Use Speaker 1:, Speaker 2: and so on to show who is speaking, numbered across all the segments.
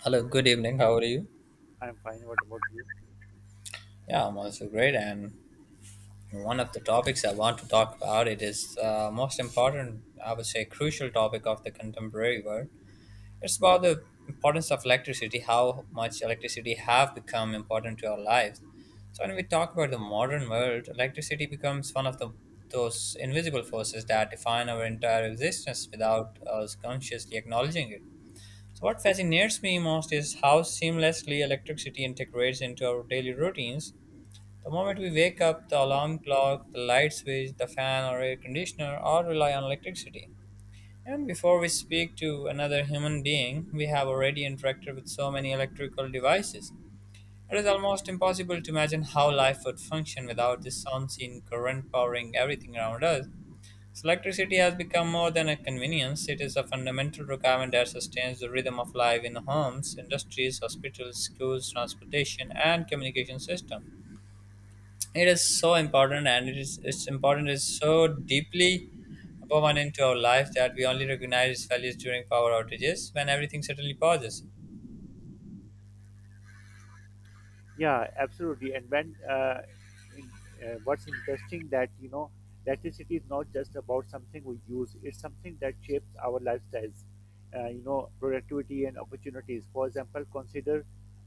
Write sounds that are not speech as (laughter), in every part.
Speaker 1: Hello, good evening. How are you?
Speaker 2: I'm fine. What about you?
Speaker 1: Yeah, I'm also great. And one of the topics I want to talk about it is most important, I would say, crucial topic of the contemporary world. It's about the importance of electricity, how much electricity have become important to our lives. So when we talk about the modern world, electricity becomes one of the those invisible forces that define our entire existence without us consciously acknowledging it. So, what fascinates me most is how seamlessly electricity integrates into our daily routines. The moment we wake up, the alarm clock, the light switch, the fan or air conditioner all rely on electricity. And before we speak to another human being, we have already interacted with so many electrical devices. It is almost impossible to imagine how life would function without this unseen current powering everything around us. So electricity has become more than a convenience, it is a fundamental requirement that sustains the rhythm of life in homes, industries, hospitals, schools, transportation, and communication system. It is so important and it is its important is so deeply woven into our lives that we only recognize its values during power outages when everything suddenly pauses.
Speaker 2: Yeah, absolutely. In, what's interesting that electricity is not just about something we use, it's something that shapes our lifestyles, productivity and opportunities. For example, consider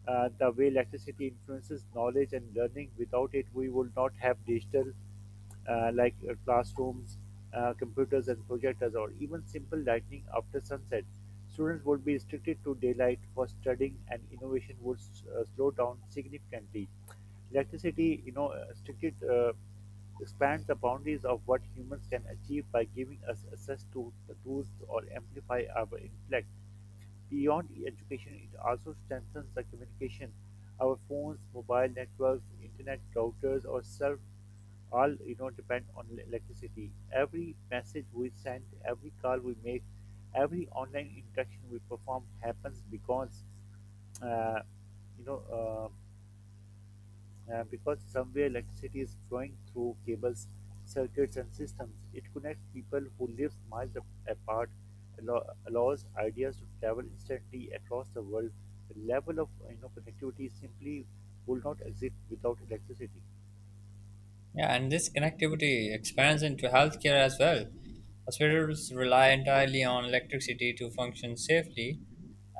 Speaker 2: the way electricity influences knowledge and learning. Without it, we would not have digital, classrooms, computers, and projectors, or even simple lighting after sunset. Students would be restricted to daylight for studying, and innovation would slow down significantly. Electricity, strictly expands the boundaries of what humans can achieve by giving us access to the tools or amplify our intellect. Beyond education, it also strengthens the communication. Our phones, mobile networks, internet routers, or self all depend on electricity. Every message we send, every call we make, every online interaction we perform happens because uh, you know. Uh, because somewhere electricity is flowing through cables, circuits, and systems. It connects people who live miles apart, allows ideas to travel instantly across the world. The level of connectivity simply would not exist without electricity.
Speaker 1: Yeah, and this connectivity expands into healthcare as well. Hospitals rely entirely on electricity to function safely,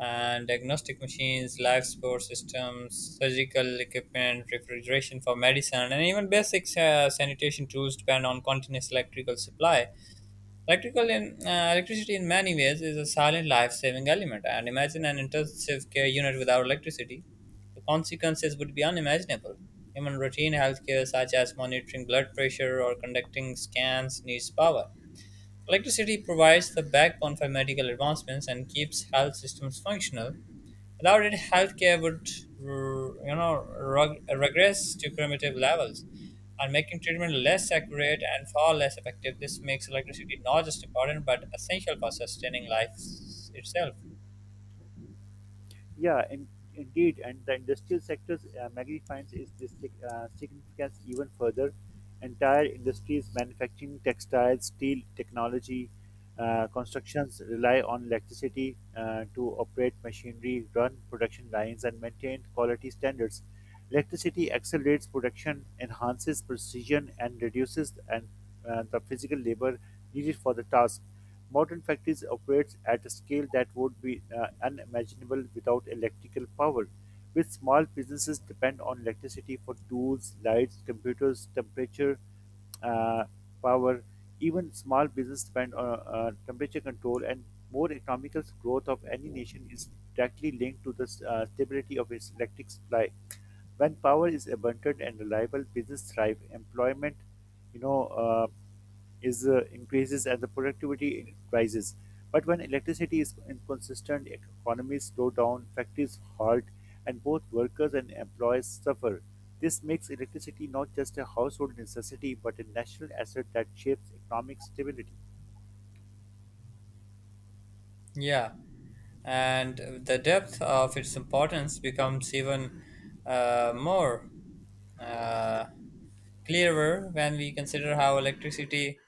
Speaker 1: and diagnostic machines, life support systems, surgical equipment, refrigeration for medicine, and even basic sanitation tools depend on continuous electrical supply. Electricity, in many ways, is a silent life saving element. And imagine an intensive care unit without electricity. The consequences would be unimaginable. Even routine healthcare, such as monitoring blood pressure or conducting scans, needs power. Electricity provides the backbone for medical advancements and keeps health systems functional. Without it, healthcare would, regress to primitive levels, and making treatment less accurate and far less effective. This makes electricity not just important but essential for sustaining itself.
Speaker 2: Yeah, indeed, and the industrial sector's magnifies is this significance even further. Entire industries, manufacturing, textiles, steel, technology, constructions rely on electricity to operate machinery, run production lines, and maintain quality standards. Electricity accelerates production, enhances precision, and reduces the physical labor needed for the task. Modern factories operate at a scale that would be unimaginable without electrical power. With small businesses depend on electricity for tools, lights, computers, temperature, uh, power. Even small business depend on temperature control, and more economical growth of any nation is directly linked to the stability of its electric supply. When power is abundant and reliable, business thrive, employment, you know, is increases, and the productivity rises. But when electricity is inconsistent, economies slow down, factories halt, and both workers and employees suffer. This makes electricity not just a household necessity but a national asset that shapes economic stability.
Speaker 1: Yeah, and the depth of its importance becomes even more. Uh, clearer when we consider how electricity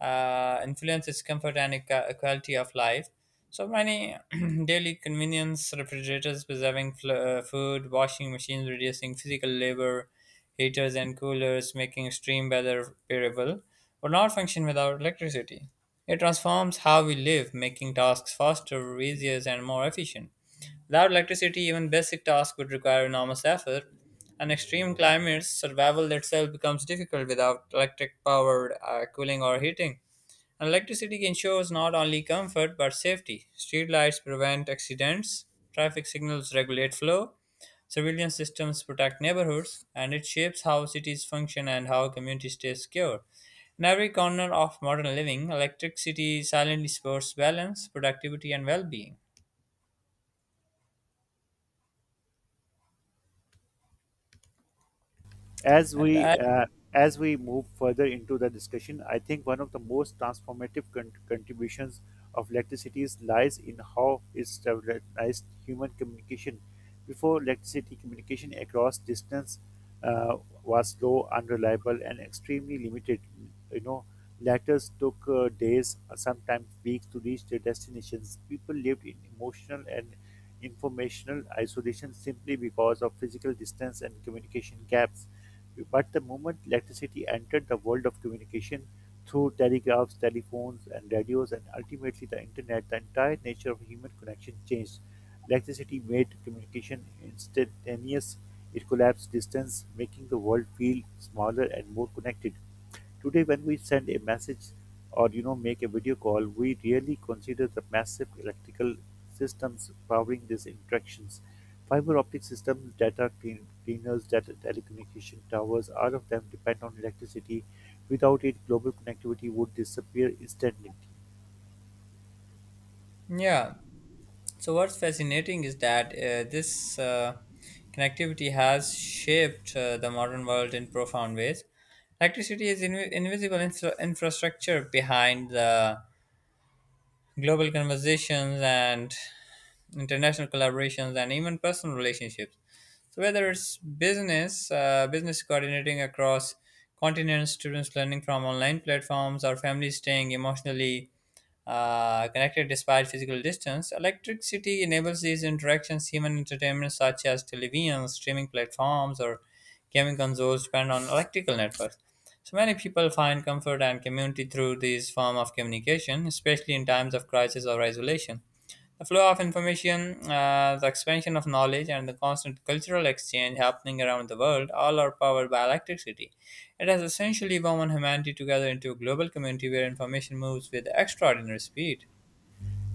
Speaker 1: influences comfort and quality of life. So many (clears throat) daily convenience, refrigerators preserving food, washing machines reducing physical labor, heaters and coolers making extreme weather variable, would not function without electricity. It transforms how we live, making tasks faster, easier, and more efficient. Without electricity, even basic tasks would require enormous effort. And extreme climates, survival itself becomes difficult without electric powered cooling or heating. And electricity ensures not only comfort but safety. Streetlights prevent accidents, traffic signals regulate flow, surveillance systems protect neighborhoods, and it shapes how cities function and how communities stay secure. In every corner of modern living, electricity silently supports balance, productivity, and well being.
Speaker 2: as
Speaker 1: And
Speaker 2: we
Speaker 1: as
Speaker 2: uh, as we move further into the discussion, I think one of the most transformative contributions of electricity lies in how it stabilized human communication. Before electricity, communication across distance uh, was slow, unreliable, and extremely limited. You know, Letters took days, sometimes weeks, to reach their destinations. People lived in emotional and informational isolation simply because of physical distance and communication gaps. But the moment electricity entered the world of communication through telegraphs, telephones, and radios, and ultimately the internet, the entire nature of human connection changed. Electricity made communication instantaneous. It collapsed distance, making the world feel smaller and more connected. Today, when we send a message or make a video call, we really consider the massive electrical systems powering these interactions. Fiber optic systems, data cleaners, data telecommunication towers, all of them depend on electricity. Without it, global connectivity would disappear instantly.
Speaker 1: Yeah. So what's fascinating is that this connectivity has shaped the modern world in profound ways. Electricity is invisible infrastructure behind the global conversations and international collaborations and even personal relationships, so whether it's business coordinating across continents, students learning from online platforms, or families staying emotionally connected despite physical distance. Electricity enables these interactions. Human entertainment such as televisions, streaming platforms, or gaming consoles depend on electrical networks, so many people find comfort and community through these form of communication, especially in times of crisis or isolation. The flow of information, the expansion of knowledge, and the constant cultural exchange happening around the world all are powered by electricity. It has essentially woven humanity together into a global community where information moves with extraordinary speed.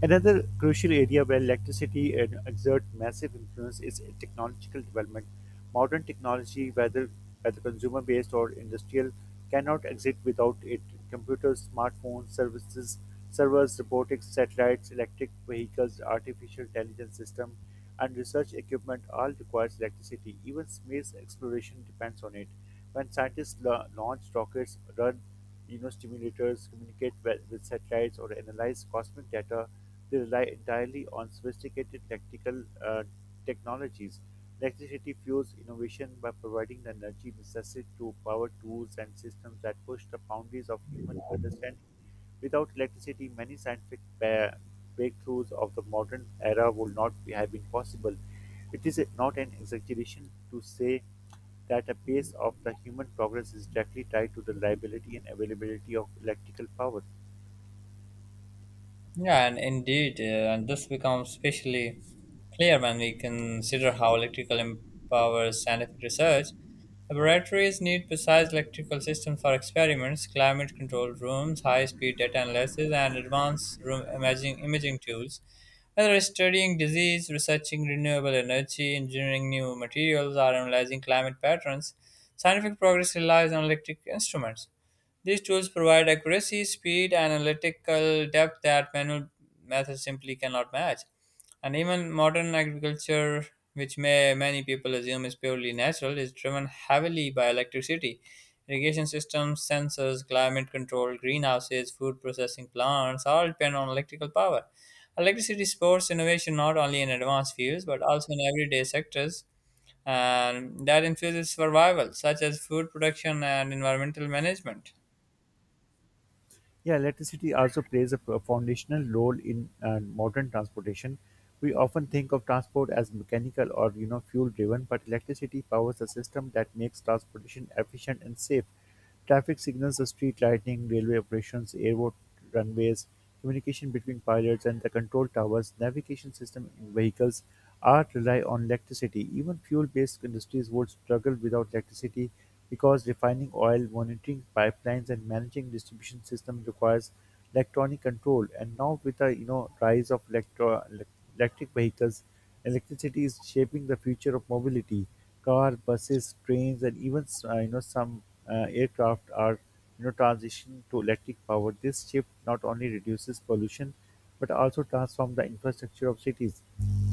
Speaker 2: Another crucial area where electricity and exerts massive influence is technological development. Modern technology, whether consumer based or industrial, cannot exist without it. Computers, smartphones, servers, robotics, satellites, electric vehicles, artificial intelligence systems, and research equipment all requires electricity. Even space exploration depends on it. When scientists launch rockets, run stimulators, communicate with satellites, or analyze cosmic data, they rely entirely on sophisticated electrical technologies. Electricity fuels innovation by providing the energy necessary to power tools and systems that push the boundaries of human understanding. Without electricity, many scientific breakthroughs of the modern era would not have been possible. It is not an exaggeration to say that the pace of the human progress is directly tied to the reliability and availability of electrical power.
Speaker 1: Yeah, and indeed, and this becomes especially clear when we consider how electrical empowers scientific research. Laboratories need precise electrical systems for experiments, climate control rooms, high-speed data analysis, and advanced room imaging tools. Whether it's studying disease, researching renewable energy, engineering new materials, or analyzing climate patterns, scientific progress relies on electric instruments. These tools provide accuracy, speed, and analytical depth that manual methods simply cannot match. And even modern agriculture, which may many people assume is purely natural, is driven heavily by electricity. Irrigation systems, sensors, climate control, greenhouses, food processing plants all depend on electrical power. Electricity supports innovation not only in advanced fields but also in everyday sectors and that infuses survival, such as food production and environmental management.
Speaker 2: Yeah, electricity also plays a foundational role in modern transportation. We often think of transport as mechanical or fuel driven, but electricity powers a system that makes transportation efficient and safe. Traffic signals, the street lighting, railway operations, airport runways, communication between pilots and the control towers, navigation system in vehicles, art rely on electricity. Even fuel-based industries would struggle without electricity because refining oil, monitoring pipelines, and managing distribution system requires electronic control. And now with the rise of electric vehicles, electricity is shaping the future of mobility. Cars, buses, trains, and even some aircraft are transition to electric power. This shift not only reduces pollution but also transforms the infrastructure of cities,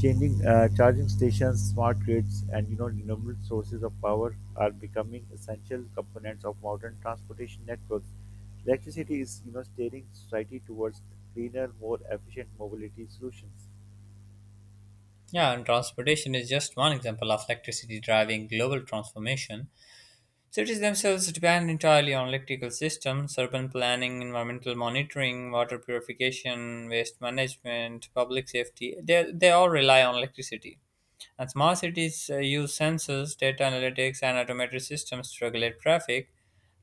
Speaker 2: changing charging stations, smart grids, and renewable sources of power are becoming essential components of modern transportation networks. Electricity is steering society towards cleaner, more efficient mobility solutions.
Speaker 1: Yeah, and transportation is just one example of electricity driving global transformation. Cities themselves depend entirely on electrical systems, urban planning, environmental monitoring, water purification, waste management, public safety. They all rely on electricity. And smart cities use sensors, data analytics, and automated systems to regulate traffic,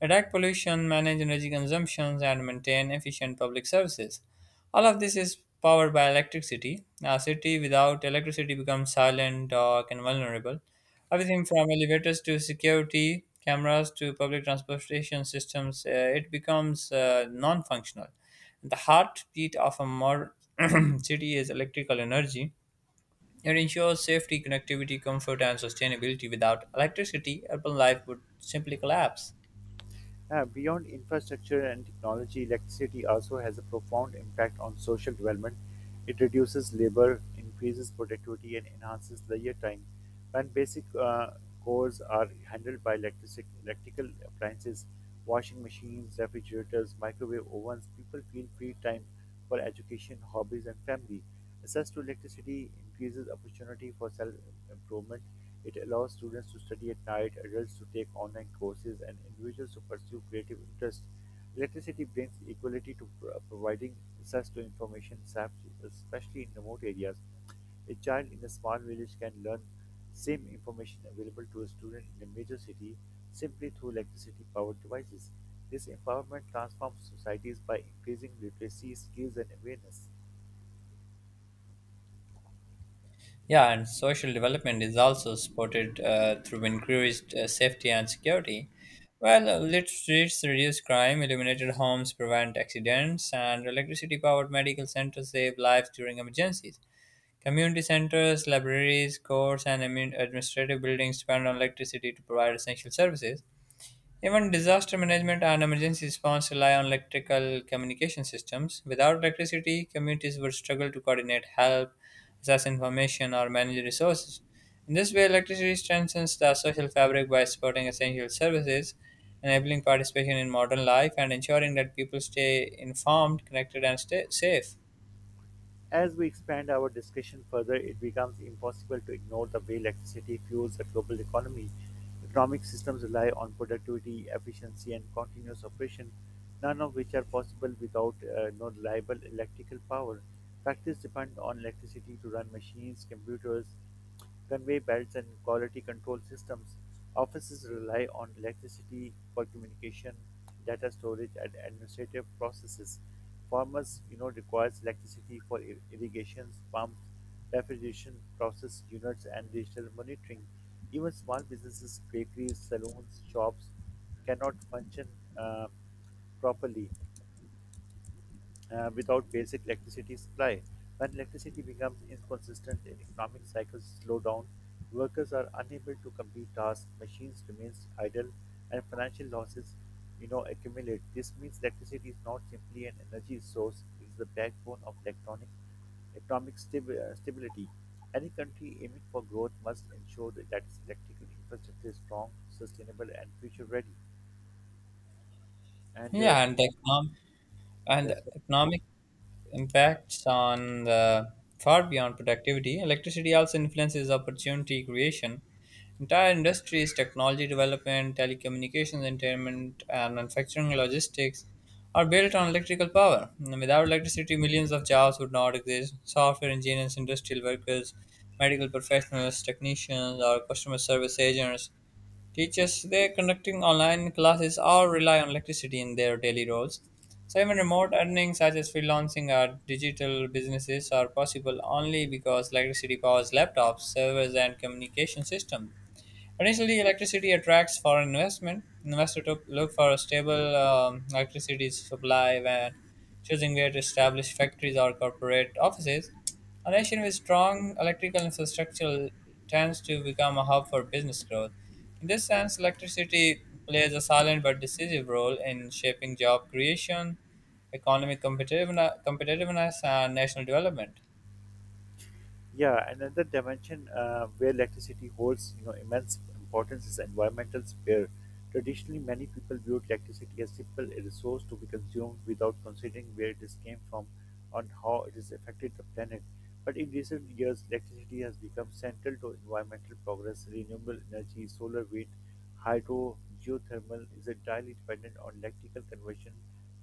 Speaker 1: detect pollution, manage energy consumptions, and maintain efficient public services. All of this is powered by electricity. A city without electricity becomes silent, dark, and vulnerable. Everything from elevators to security cameras to public transportation systems, it becomes non functional. The heartbeat of a modern (clears throat) city is electrical energy, it ensures safety, connectivity, comfort, and sustainability. Without electricity, urban life would simply collapse.
Speaker 2: Beyond infrastructure and technology, electricity also has a profound impact on social development. It reduces labor, increases productivity, and enhances leisure time. When basic chores are handled by electrical appliances, washing machines, refrigerators, microwave ovens, people feel free time for education, hobbies, and family. Access to electricity increases opportunity for self improvement. It allows students to study at night, adults to take online courses, and individuals to pursue creative interests. Electricity brings equality to providing access to information, especially in remote areas. A child in a small village can learn same information available to a student in a major city simply through electricity powered devices. This empowerment transforms societies by increasing literacy, skills, and awareness.
Speaker 1: Yeah, and social development is also supported through increased safety and security. Well, lit streets reduce crime, illuminated homes prevent accidents, and electricity powered medical centers save lives during emergencies. Community centers, libraries, courts, and administrative buildings depend on electricity to provide essential services. Even disaster management and emergency response rely on electrical communication systems. Without electricity, communities would struggle to coordinate help, access information, or manage resources. In this way, electricity strengthens the social fabric by supporting essential services, enabling participation in modern life, and ensuring that people stay informed, connected, and stay safe.
Speaker 2: As we expand our discussion further, it becomes impossible to ignore the way electricity fuels the global economy. Economic systems rely on productivity, efficiency, and continuous operation, none of which are possible without no reliable electrical power. Factories depend on electricity to run machines, computers, conveyor belts, and quality control systems. Offices rely on electricity for communication, data storage, and administrative processes. Farmers requires electricity for irrigations, pumps, refrigeration process units, and digital monitoring. Even small businesses, bakeries, saloons, shops cannot function uh, properly without basic electricity supply. When electricity becomes inconsistent and economic cycles slow down, workers are unable to complete tasks, machines remain idle, and financial losses accumulate. This means electricity is not simply an energy source; it is the backbone of electronic economic stability. Any country aiming for growth must ensure that its electrical infrastructure is strong, sustainable, and future ready. And
Speaker 1: Yeah, and the
Speaker 2: yes.
Speaker 1: economic impacts on the far beyond productivity. Electricity also influences opportunity creation. Entire industries, technology development, telecommunications, entertainment, and manufacturing logistics are built on electrical power. Without electricity, millions of jobs would not exist. Software engineers, industrial workers, medical professionals, technicians, or customer service agents, teachers they conducting online classes or rely on electricity in their daily roles. So even remote earnings such as freelancing or digital businesses are possible only because electricity powers laptops, servers, and communication systems. Additionally, electricity attracts foreign investment. Investors to look for a stable electricity supply when choosing where to establish factories or corporate offices. A nation with strong electrical infrastructure tends to become a hub for business growth. In this sense, electricity plays a silent but decisive role in shaping job creation, competitiveness and national development.
Speaker 2: Yeah, and another dimension where electricity holds immense importance is environmental sphere. Traditionally, many people viewed electricity as simple a resource to be consumed without considering where it is came from and how it has affected the planet. But in recent years, electricity has become central to environmental progress. Renewable energy, solar, wind, hydro, geothermal is entirely dependent on electrical conversion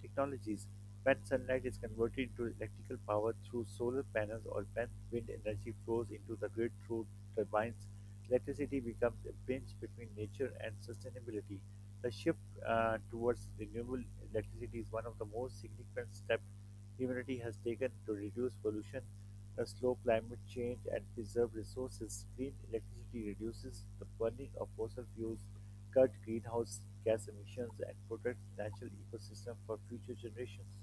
Speaker 2: technologies. When sunlight is converted into electrical power through solar panels, or when wind energy flows into the grid through turbines, electricity becomes a bridge between nature and sustainability. The shift towards renewable electricity is one of the most significant steps humanity has taken to reduce pollution, slow climate change, and preserve resources. Green electricity reduces the burning of fossil fuels, cut greenhouse gas emissions, and protect natural ecosystems for future generations.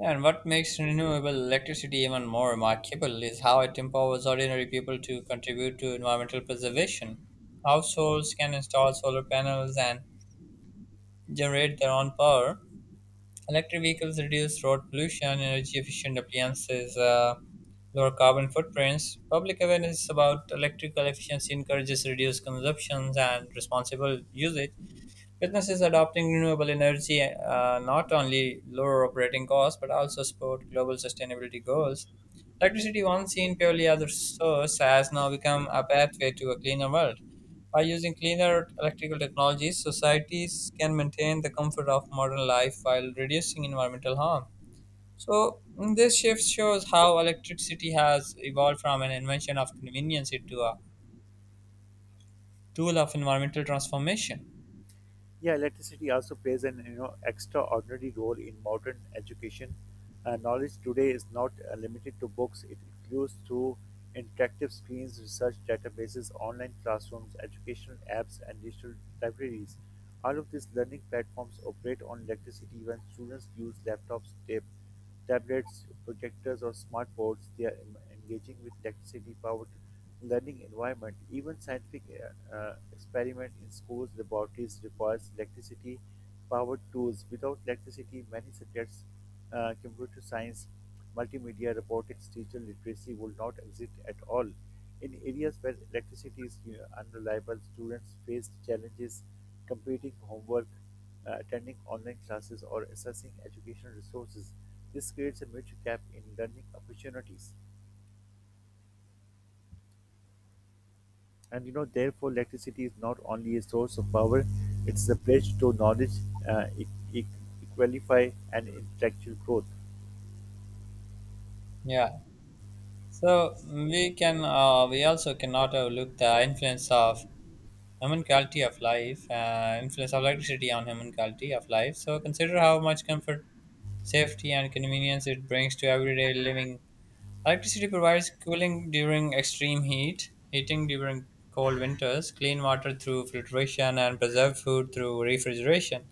Speaker 1: And what makes renewable electricity even more remarkable is how it empowers ordinary people to contribute to environmental preservation. Households can install solar panels and generate their own power. Electric vehicles reduce road pollution, energy efficient appliances, lower carbon footprints. Public awareness about electrical efficiency encourages reduced consumptions and responsible usage. Businesses adopting renewable energy not only lower operating costs but also support global sustainability goals. Electricity, once seen purely as a source, has now become a pathway to a cleaner world. By using cleaner electrical technologies, societies can maintain the comfort of modern life while reducing environmental harm. So, this shift shows how electricity has evolved from an invention of convenience into a tool of environmental transformation.
Speaker 2: Yeah, electricity also plays an extraordinary role in modern education. Knowledge today is not limited to books; it includes through interactive screens, research databases, online classrooms, educational apps, and digital libraries. All of these learning platforms operate on electricity. When students use laptops, tablets, projectors, or smart boards, they are engaging with electricity-powered learning environment. Even scientific experiment in schools, laboratories requires electricity-powered tools. Without electricity, many subjects, computer science, multimedia, robotics, digital literacy will not exist at all. In areas where electricity is unreliable, students face challenges completing homework, attending online classes, or accessing educational resources. This creates a major gap in learning opportunities. And therefore, electricity is not only a source of power, it's a pledge to knowledge, uh, e- e- equalify, and intellectual growth.
Speaker 1: Yeah. So we also cannot overlook the influence of human quality of life, influence of electricity on human quality of life. So consider how much comfort, safety, and convenience it brings to everyday living. Electricity provides cooling during extreme heat, heating during cold winters, clean water through filtration, and preserved food through refrigeration.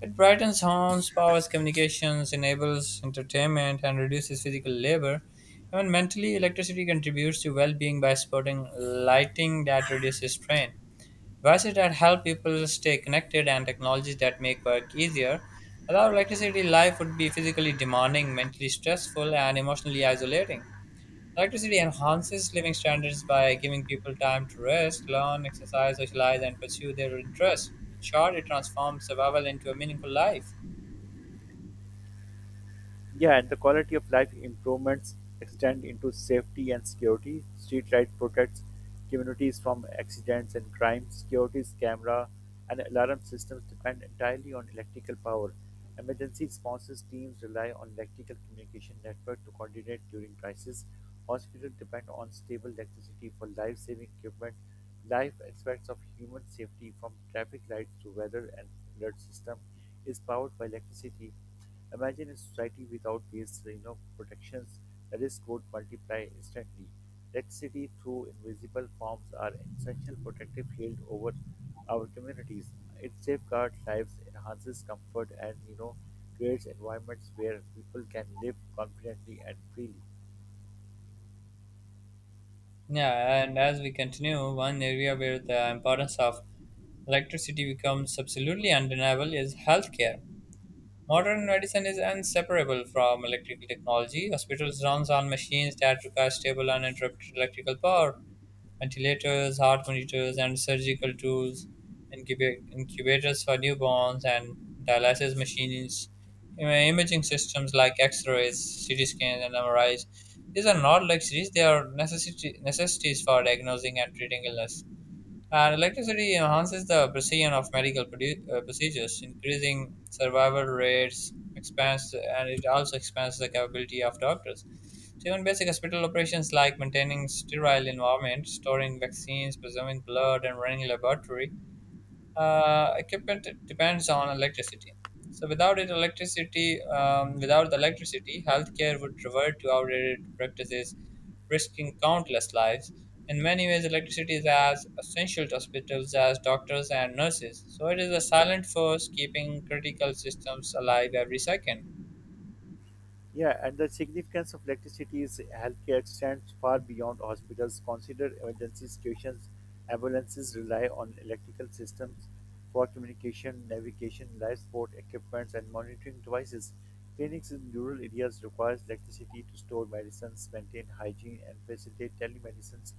Speaker 1: It brightens homes, powers communications, enables entertainment, and reduces physical labor. Even mentally, electricity contributes to well being by supporting lighting that reduces strain, devices that help people stay connected, and technologies that make work easier. Without electricity, life would be physically demanding, mentally stressful, and emotionally isolating. Electricity enhances living standards by giving people time to rest, learn, exercise, socialize, and pursue their interests. In short, it transforms survival into a meaningful life.
Speaker 2: Yeah, and the quality of life improvements extend into safety and security. Streetlight protects communities from accidents and crimes. Security's camera and alarm systems depend entirely on electrical power. Emergency responses teams rely on electrical communication network to coordinate during crisis. Hospitals depend on stable electricity for life-saving equipment. Life aspects of human safety, from traffic lights to weather and alert system, is powered by electricity. Imagine a society without these protections. The risk would multiply instantly. Electricity through invisible forms are essential protective shield over our communities. It safeguards lives, enhances comfort, and creates environments where people can live confidently and freely.
Speaker 1: Yeah, and as we continue, one area where the importance of electricity becomes absolutely undeniable is healthcare. Modern medicine is inseparable from electrical technology. Hospitals runs on machines that require stable, uninterrupted electrical power. Ventilators, heart monitors, and surgical tools, incubators for newborns, and dialysis machines, imaging systems like X-rays, CT scans, and MRIs. These are not luxuries; they are necessities for diagnosing and treating illness. And electricity enhances the precision of medical procedures, increasing survival rates, expands, and it also expands the capability of doctors. So even basic hospital operations like maintaining sterile environment, storing vaccines, preserving blood, and running laboratory equipment depends on electricity. So without the electricity, healthcare would revert to outdated practices, risking countless lives. In many ways, electricity is as essential to hospitals as doctors and nurses. So it is a silent force keeping critical systems alive every second.
Speaker 2: Yeah, and the significance of electricity is healthcare extends far beyond hospitals. Consider emergency situations. Ambulances rely on electrical systems for communication, navigation, life support equipment, and monitoring devices. Clinics in rural areas require electricity to store medicines, maintain hygiene, and facilitate telemedicine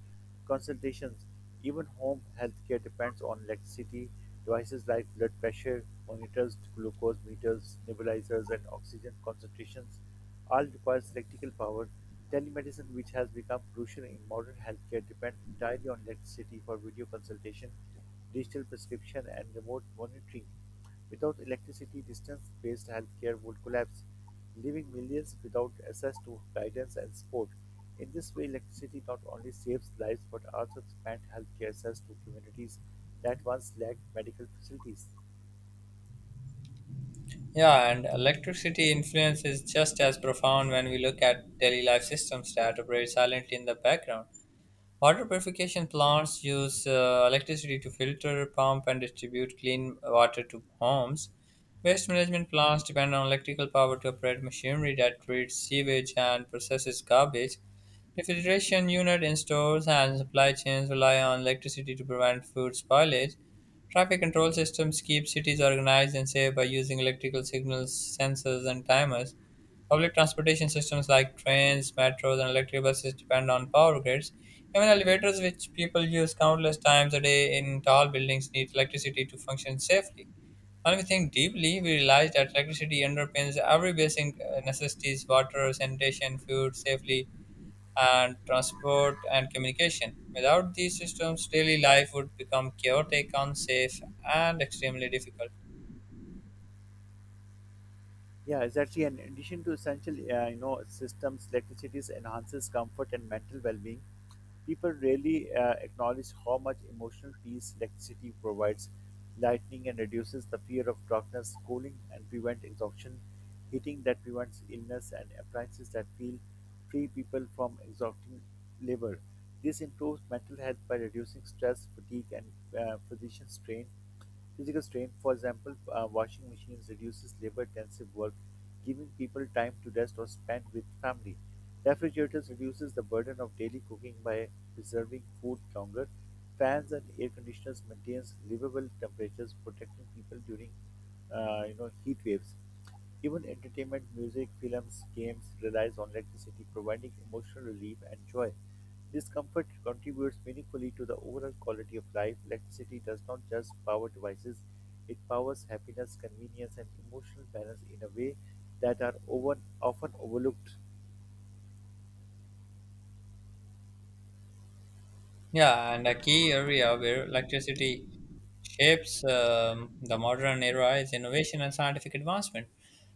Speaker 2: consultations. Even home healthcare depends on electricity. Devices like blood pressure monitors, glucose meters, nebulizers, and oxygen concentrations all requires electrical power. Telemedicine, which has become crucial in modern healthcare, depends entirely on electricity for video consultation, digital prescription, and remote monitoring. Without electricity, distance based healthcare would collapse, leaving millions without access to guidance and support. In this way, electricity not only saves lives but also expands healthcare access to communities that once lacked medical facilities.
Speaker 1: Yeah, and electricity influence is just as profound when we look at daily life systems that operate silently in the background. Water purification plants use electricity to filter, pump, and distribute clean water to homes. Waste management plants depend on electrical power to operate machinery that treats sewage and processes garbage. The filtration unit in stores and supply chains rely on electricity to prevent food spoilage. Traffic control systems keep cities organized and safe by using electrical signals, sensors, and timers. Public transportation systems like trains, metros, and electric buses depend on power grids. Even elevators, which people use countless times a day in tall buildings, need electricity to function safely. When we think deeply, we realize that electricity underpins every basic necessities water, sanitation, food, safely, and transport and communication. Without these systems, daily life would become chaotic, unsafe, and extremely difficult.
Speaker 2: Yeah, exactly. And in addition to essential, systems, electricity enhances comfort and mental well-being. People rarely acknowledge how much emotional peace electricity provides. Lightning and reduces the fear of darkness, cooling and prevent exhaustion, heating that prevents illness, and appliances that feel free people from exhausting labor. This improves mental health by reducing stress, fatigue, and physician strain. Physical strain, for example, washing machines reduces labor-intensive work, giving people time to rest or spend with family. Refrigerators reduces the burden of daily cooking by preserving food longer. Fans and air conditioners maintains livable temperatures, protecting people during heat waves. Even entertainment, music, films, games relies on electricity, providing emotional relief and joy. This comfort contributes meaningfully to the overall quality of life. Electricity does not just power devices, it powers happiness, convenience, and emotional balance in a way that are often overlooked.
Speaker 1: Yeah, and a key area where electricity shapes the modern era is innovation and scientific advancement.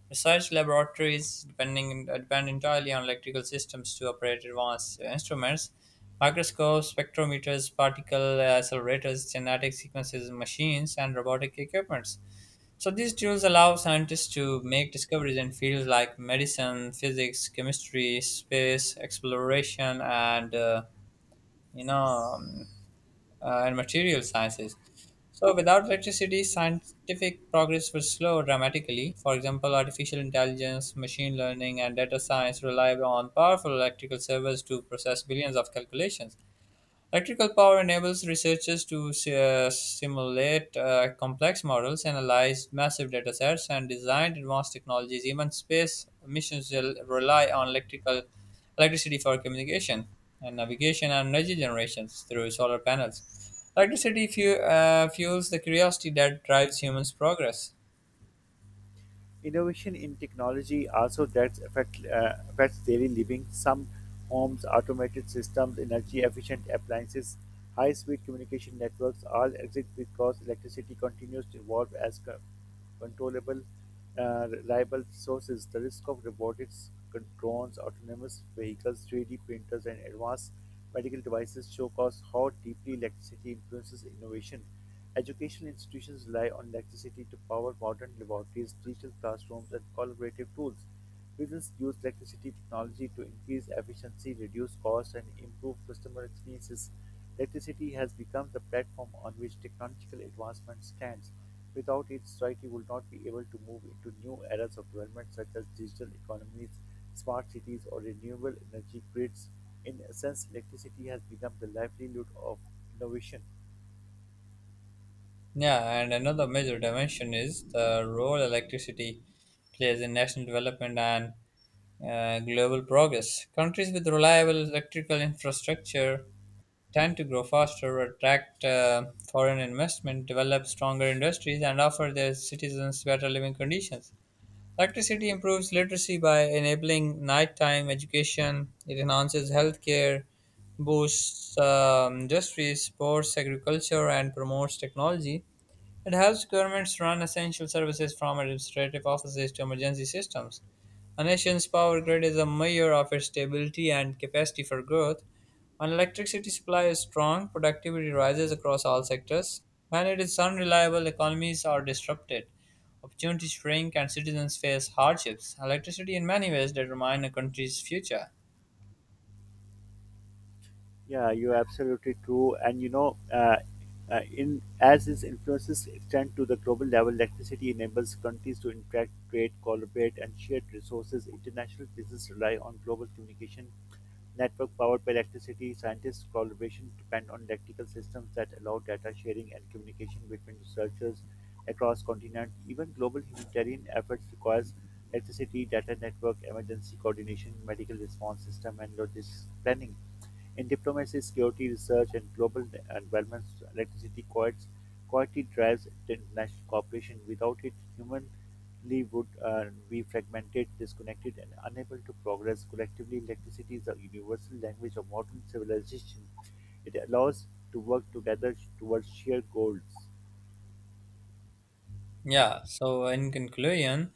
Speaker 1: Research laboratories depend entirely on electrical systems to operate advanced instruments, microscopes, spectrometers, particle accelerators, genetic sequences, machines, and robotic equipment. So these tools allow scientists to make discoveries in fields like medicine, physics, chemistry, space exploration, and you know, um, and material sciences. So without electricity, scientific progress would slow dramatically. For example, artificial intelligence, machine learning, and data science rely on powerful electrical servers to process billions of calculations. Electrical power enables researchers to simulate complex models, analyze massive data sets, and design advanced technologies. Even space missions will rely on electrical electricity for communication and navigation and energy generations through solar panels. Electricity fuels the curiosity that drives humans' progress.
Speaker 2: Innovation in technology also that affects daily living. Some homes, automated systems, energy efficient appliances, high speed communication networks all exist because electricity continues to evolve as controllable, reliable sources. The risk of robotics, drones, autonomous vehicles, 3D printers, and advanced medical devices show us how deeply electricity influences innovation. Education institutions rely on electricity to power modern laboratories, digital classrooms, and collaborative tools. Businesses use electricity technology to increase efficiency, reduce costs, and improve customer experiences. Electricity has become the platform on which technological advancement stands. Without it, society would not be able to move into new eras of development such as digital economies, smart cities, or renewable energy grids. In a sense, electricity has become the livelihood of innovation.
Speaker 1: Yeah, and another major dimension is the role electricity plays in national development and global progress. Countries with reliable electrical infrastructure tend to grow faster, attract foreign investment, develop stronger industries, and offer their citizens better living conditions. Electricity improves literacy by enabling nighttime education, it enhances healthcare, boosts industries, supports agriculture, and promotes technology. It helps governments run essential services from administrative offices to emergency systems. A nation's power grid is a measure of its stability and capacity for growth. When electricity supply is strong, productivity rises across all sectors. When it is unreliable, economies are disrupted, opportunities shrink, and citizens face hardships. Electricity, in many ways, determines a country's future.
Speaker 2: Yeah, you're absolutely true. And you know, in as its influences extend to the global level, electricity enables countries to interact, trade, collaborate, and share resources. International business rely on global communication network powered by electricity. Scientists' collaboration depend on electrical systems that allow data sharing and communication between researchers across continents. Even global humanitarian efforts requires electricity, data network, emergency coordination, medical response system, and logistics planning. In diplomacy, security research, and global developments, electricity quietly drives international cooperation. Without it, humanly would be fragmented, disconnected, and unable to progress collectively. Electricity is the universal language of modern civilization. It allows to work together towards shared goals.
Speaker 1: Yeah, so in conclusion,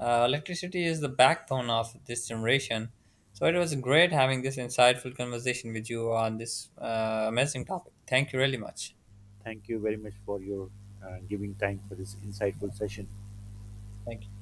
Speaker 1: electricity is the backbone of this generation. So it was great having this insightful conversation with you on this amazing topic. Thank you really much.
Speaker 2: Thank you very much for your giving time for this insightful session.
Speaker 1: Thank you.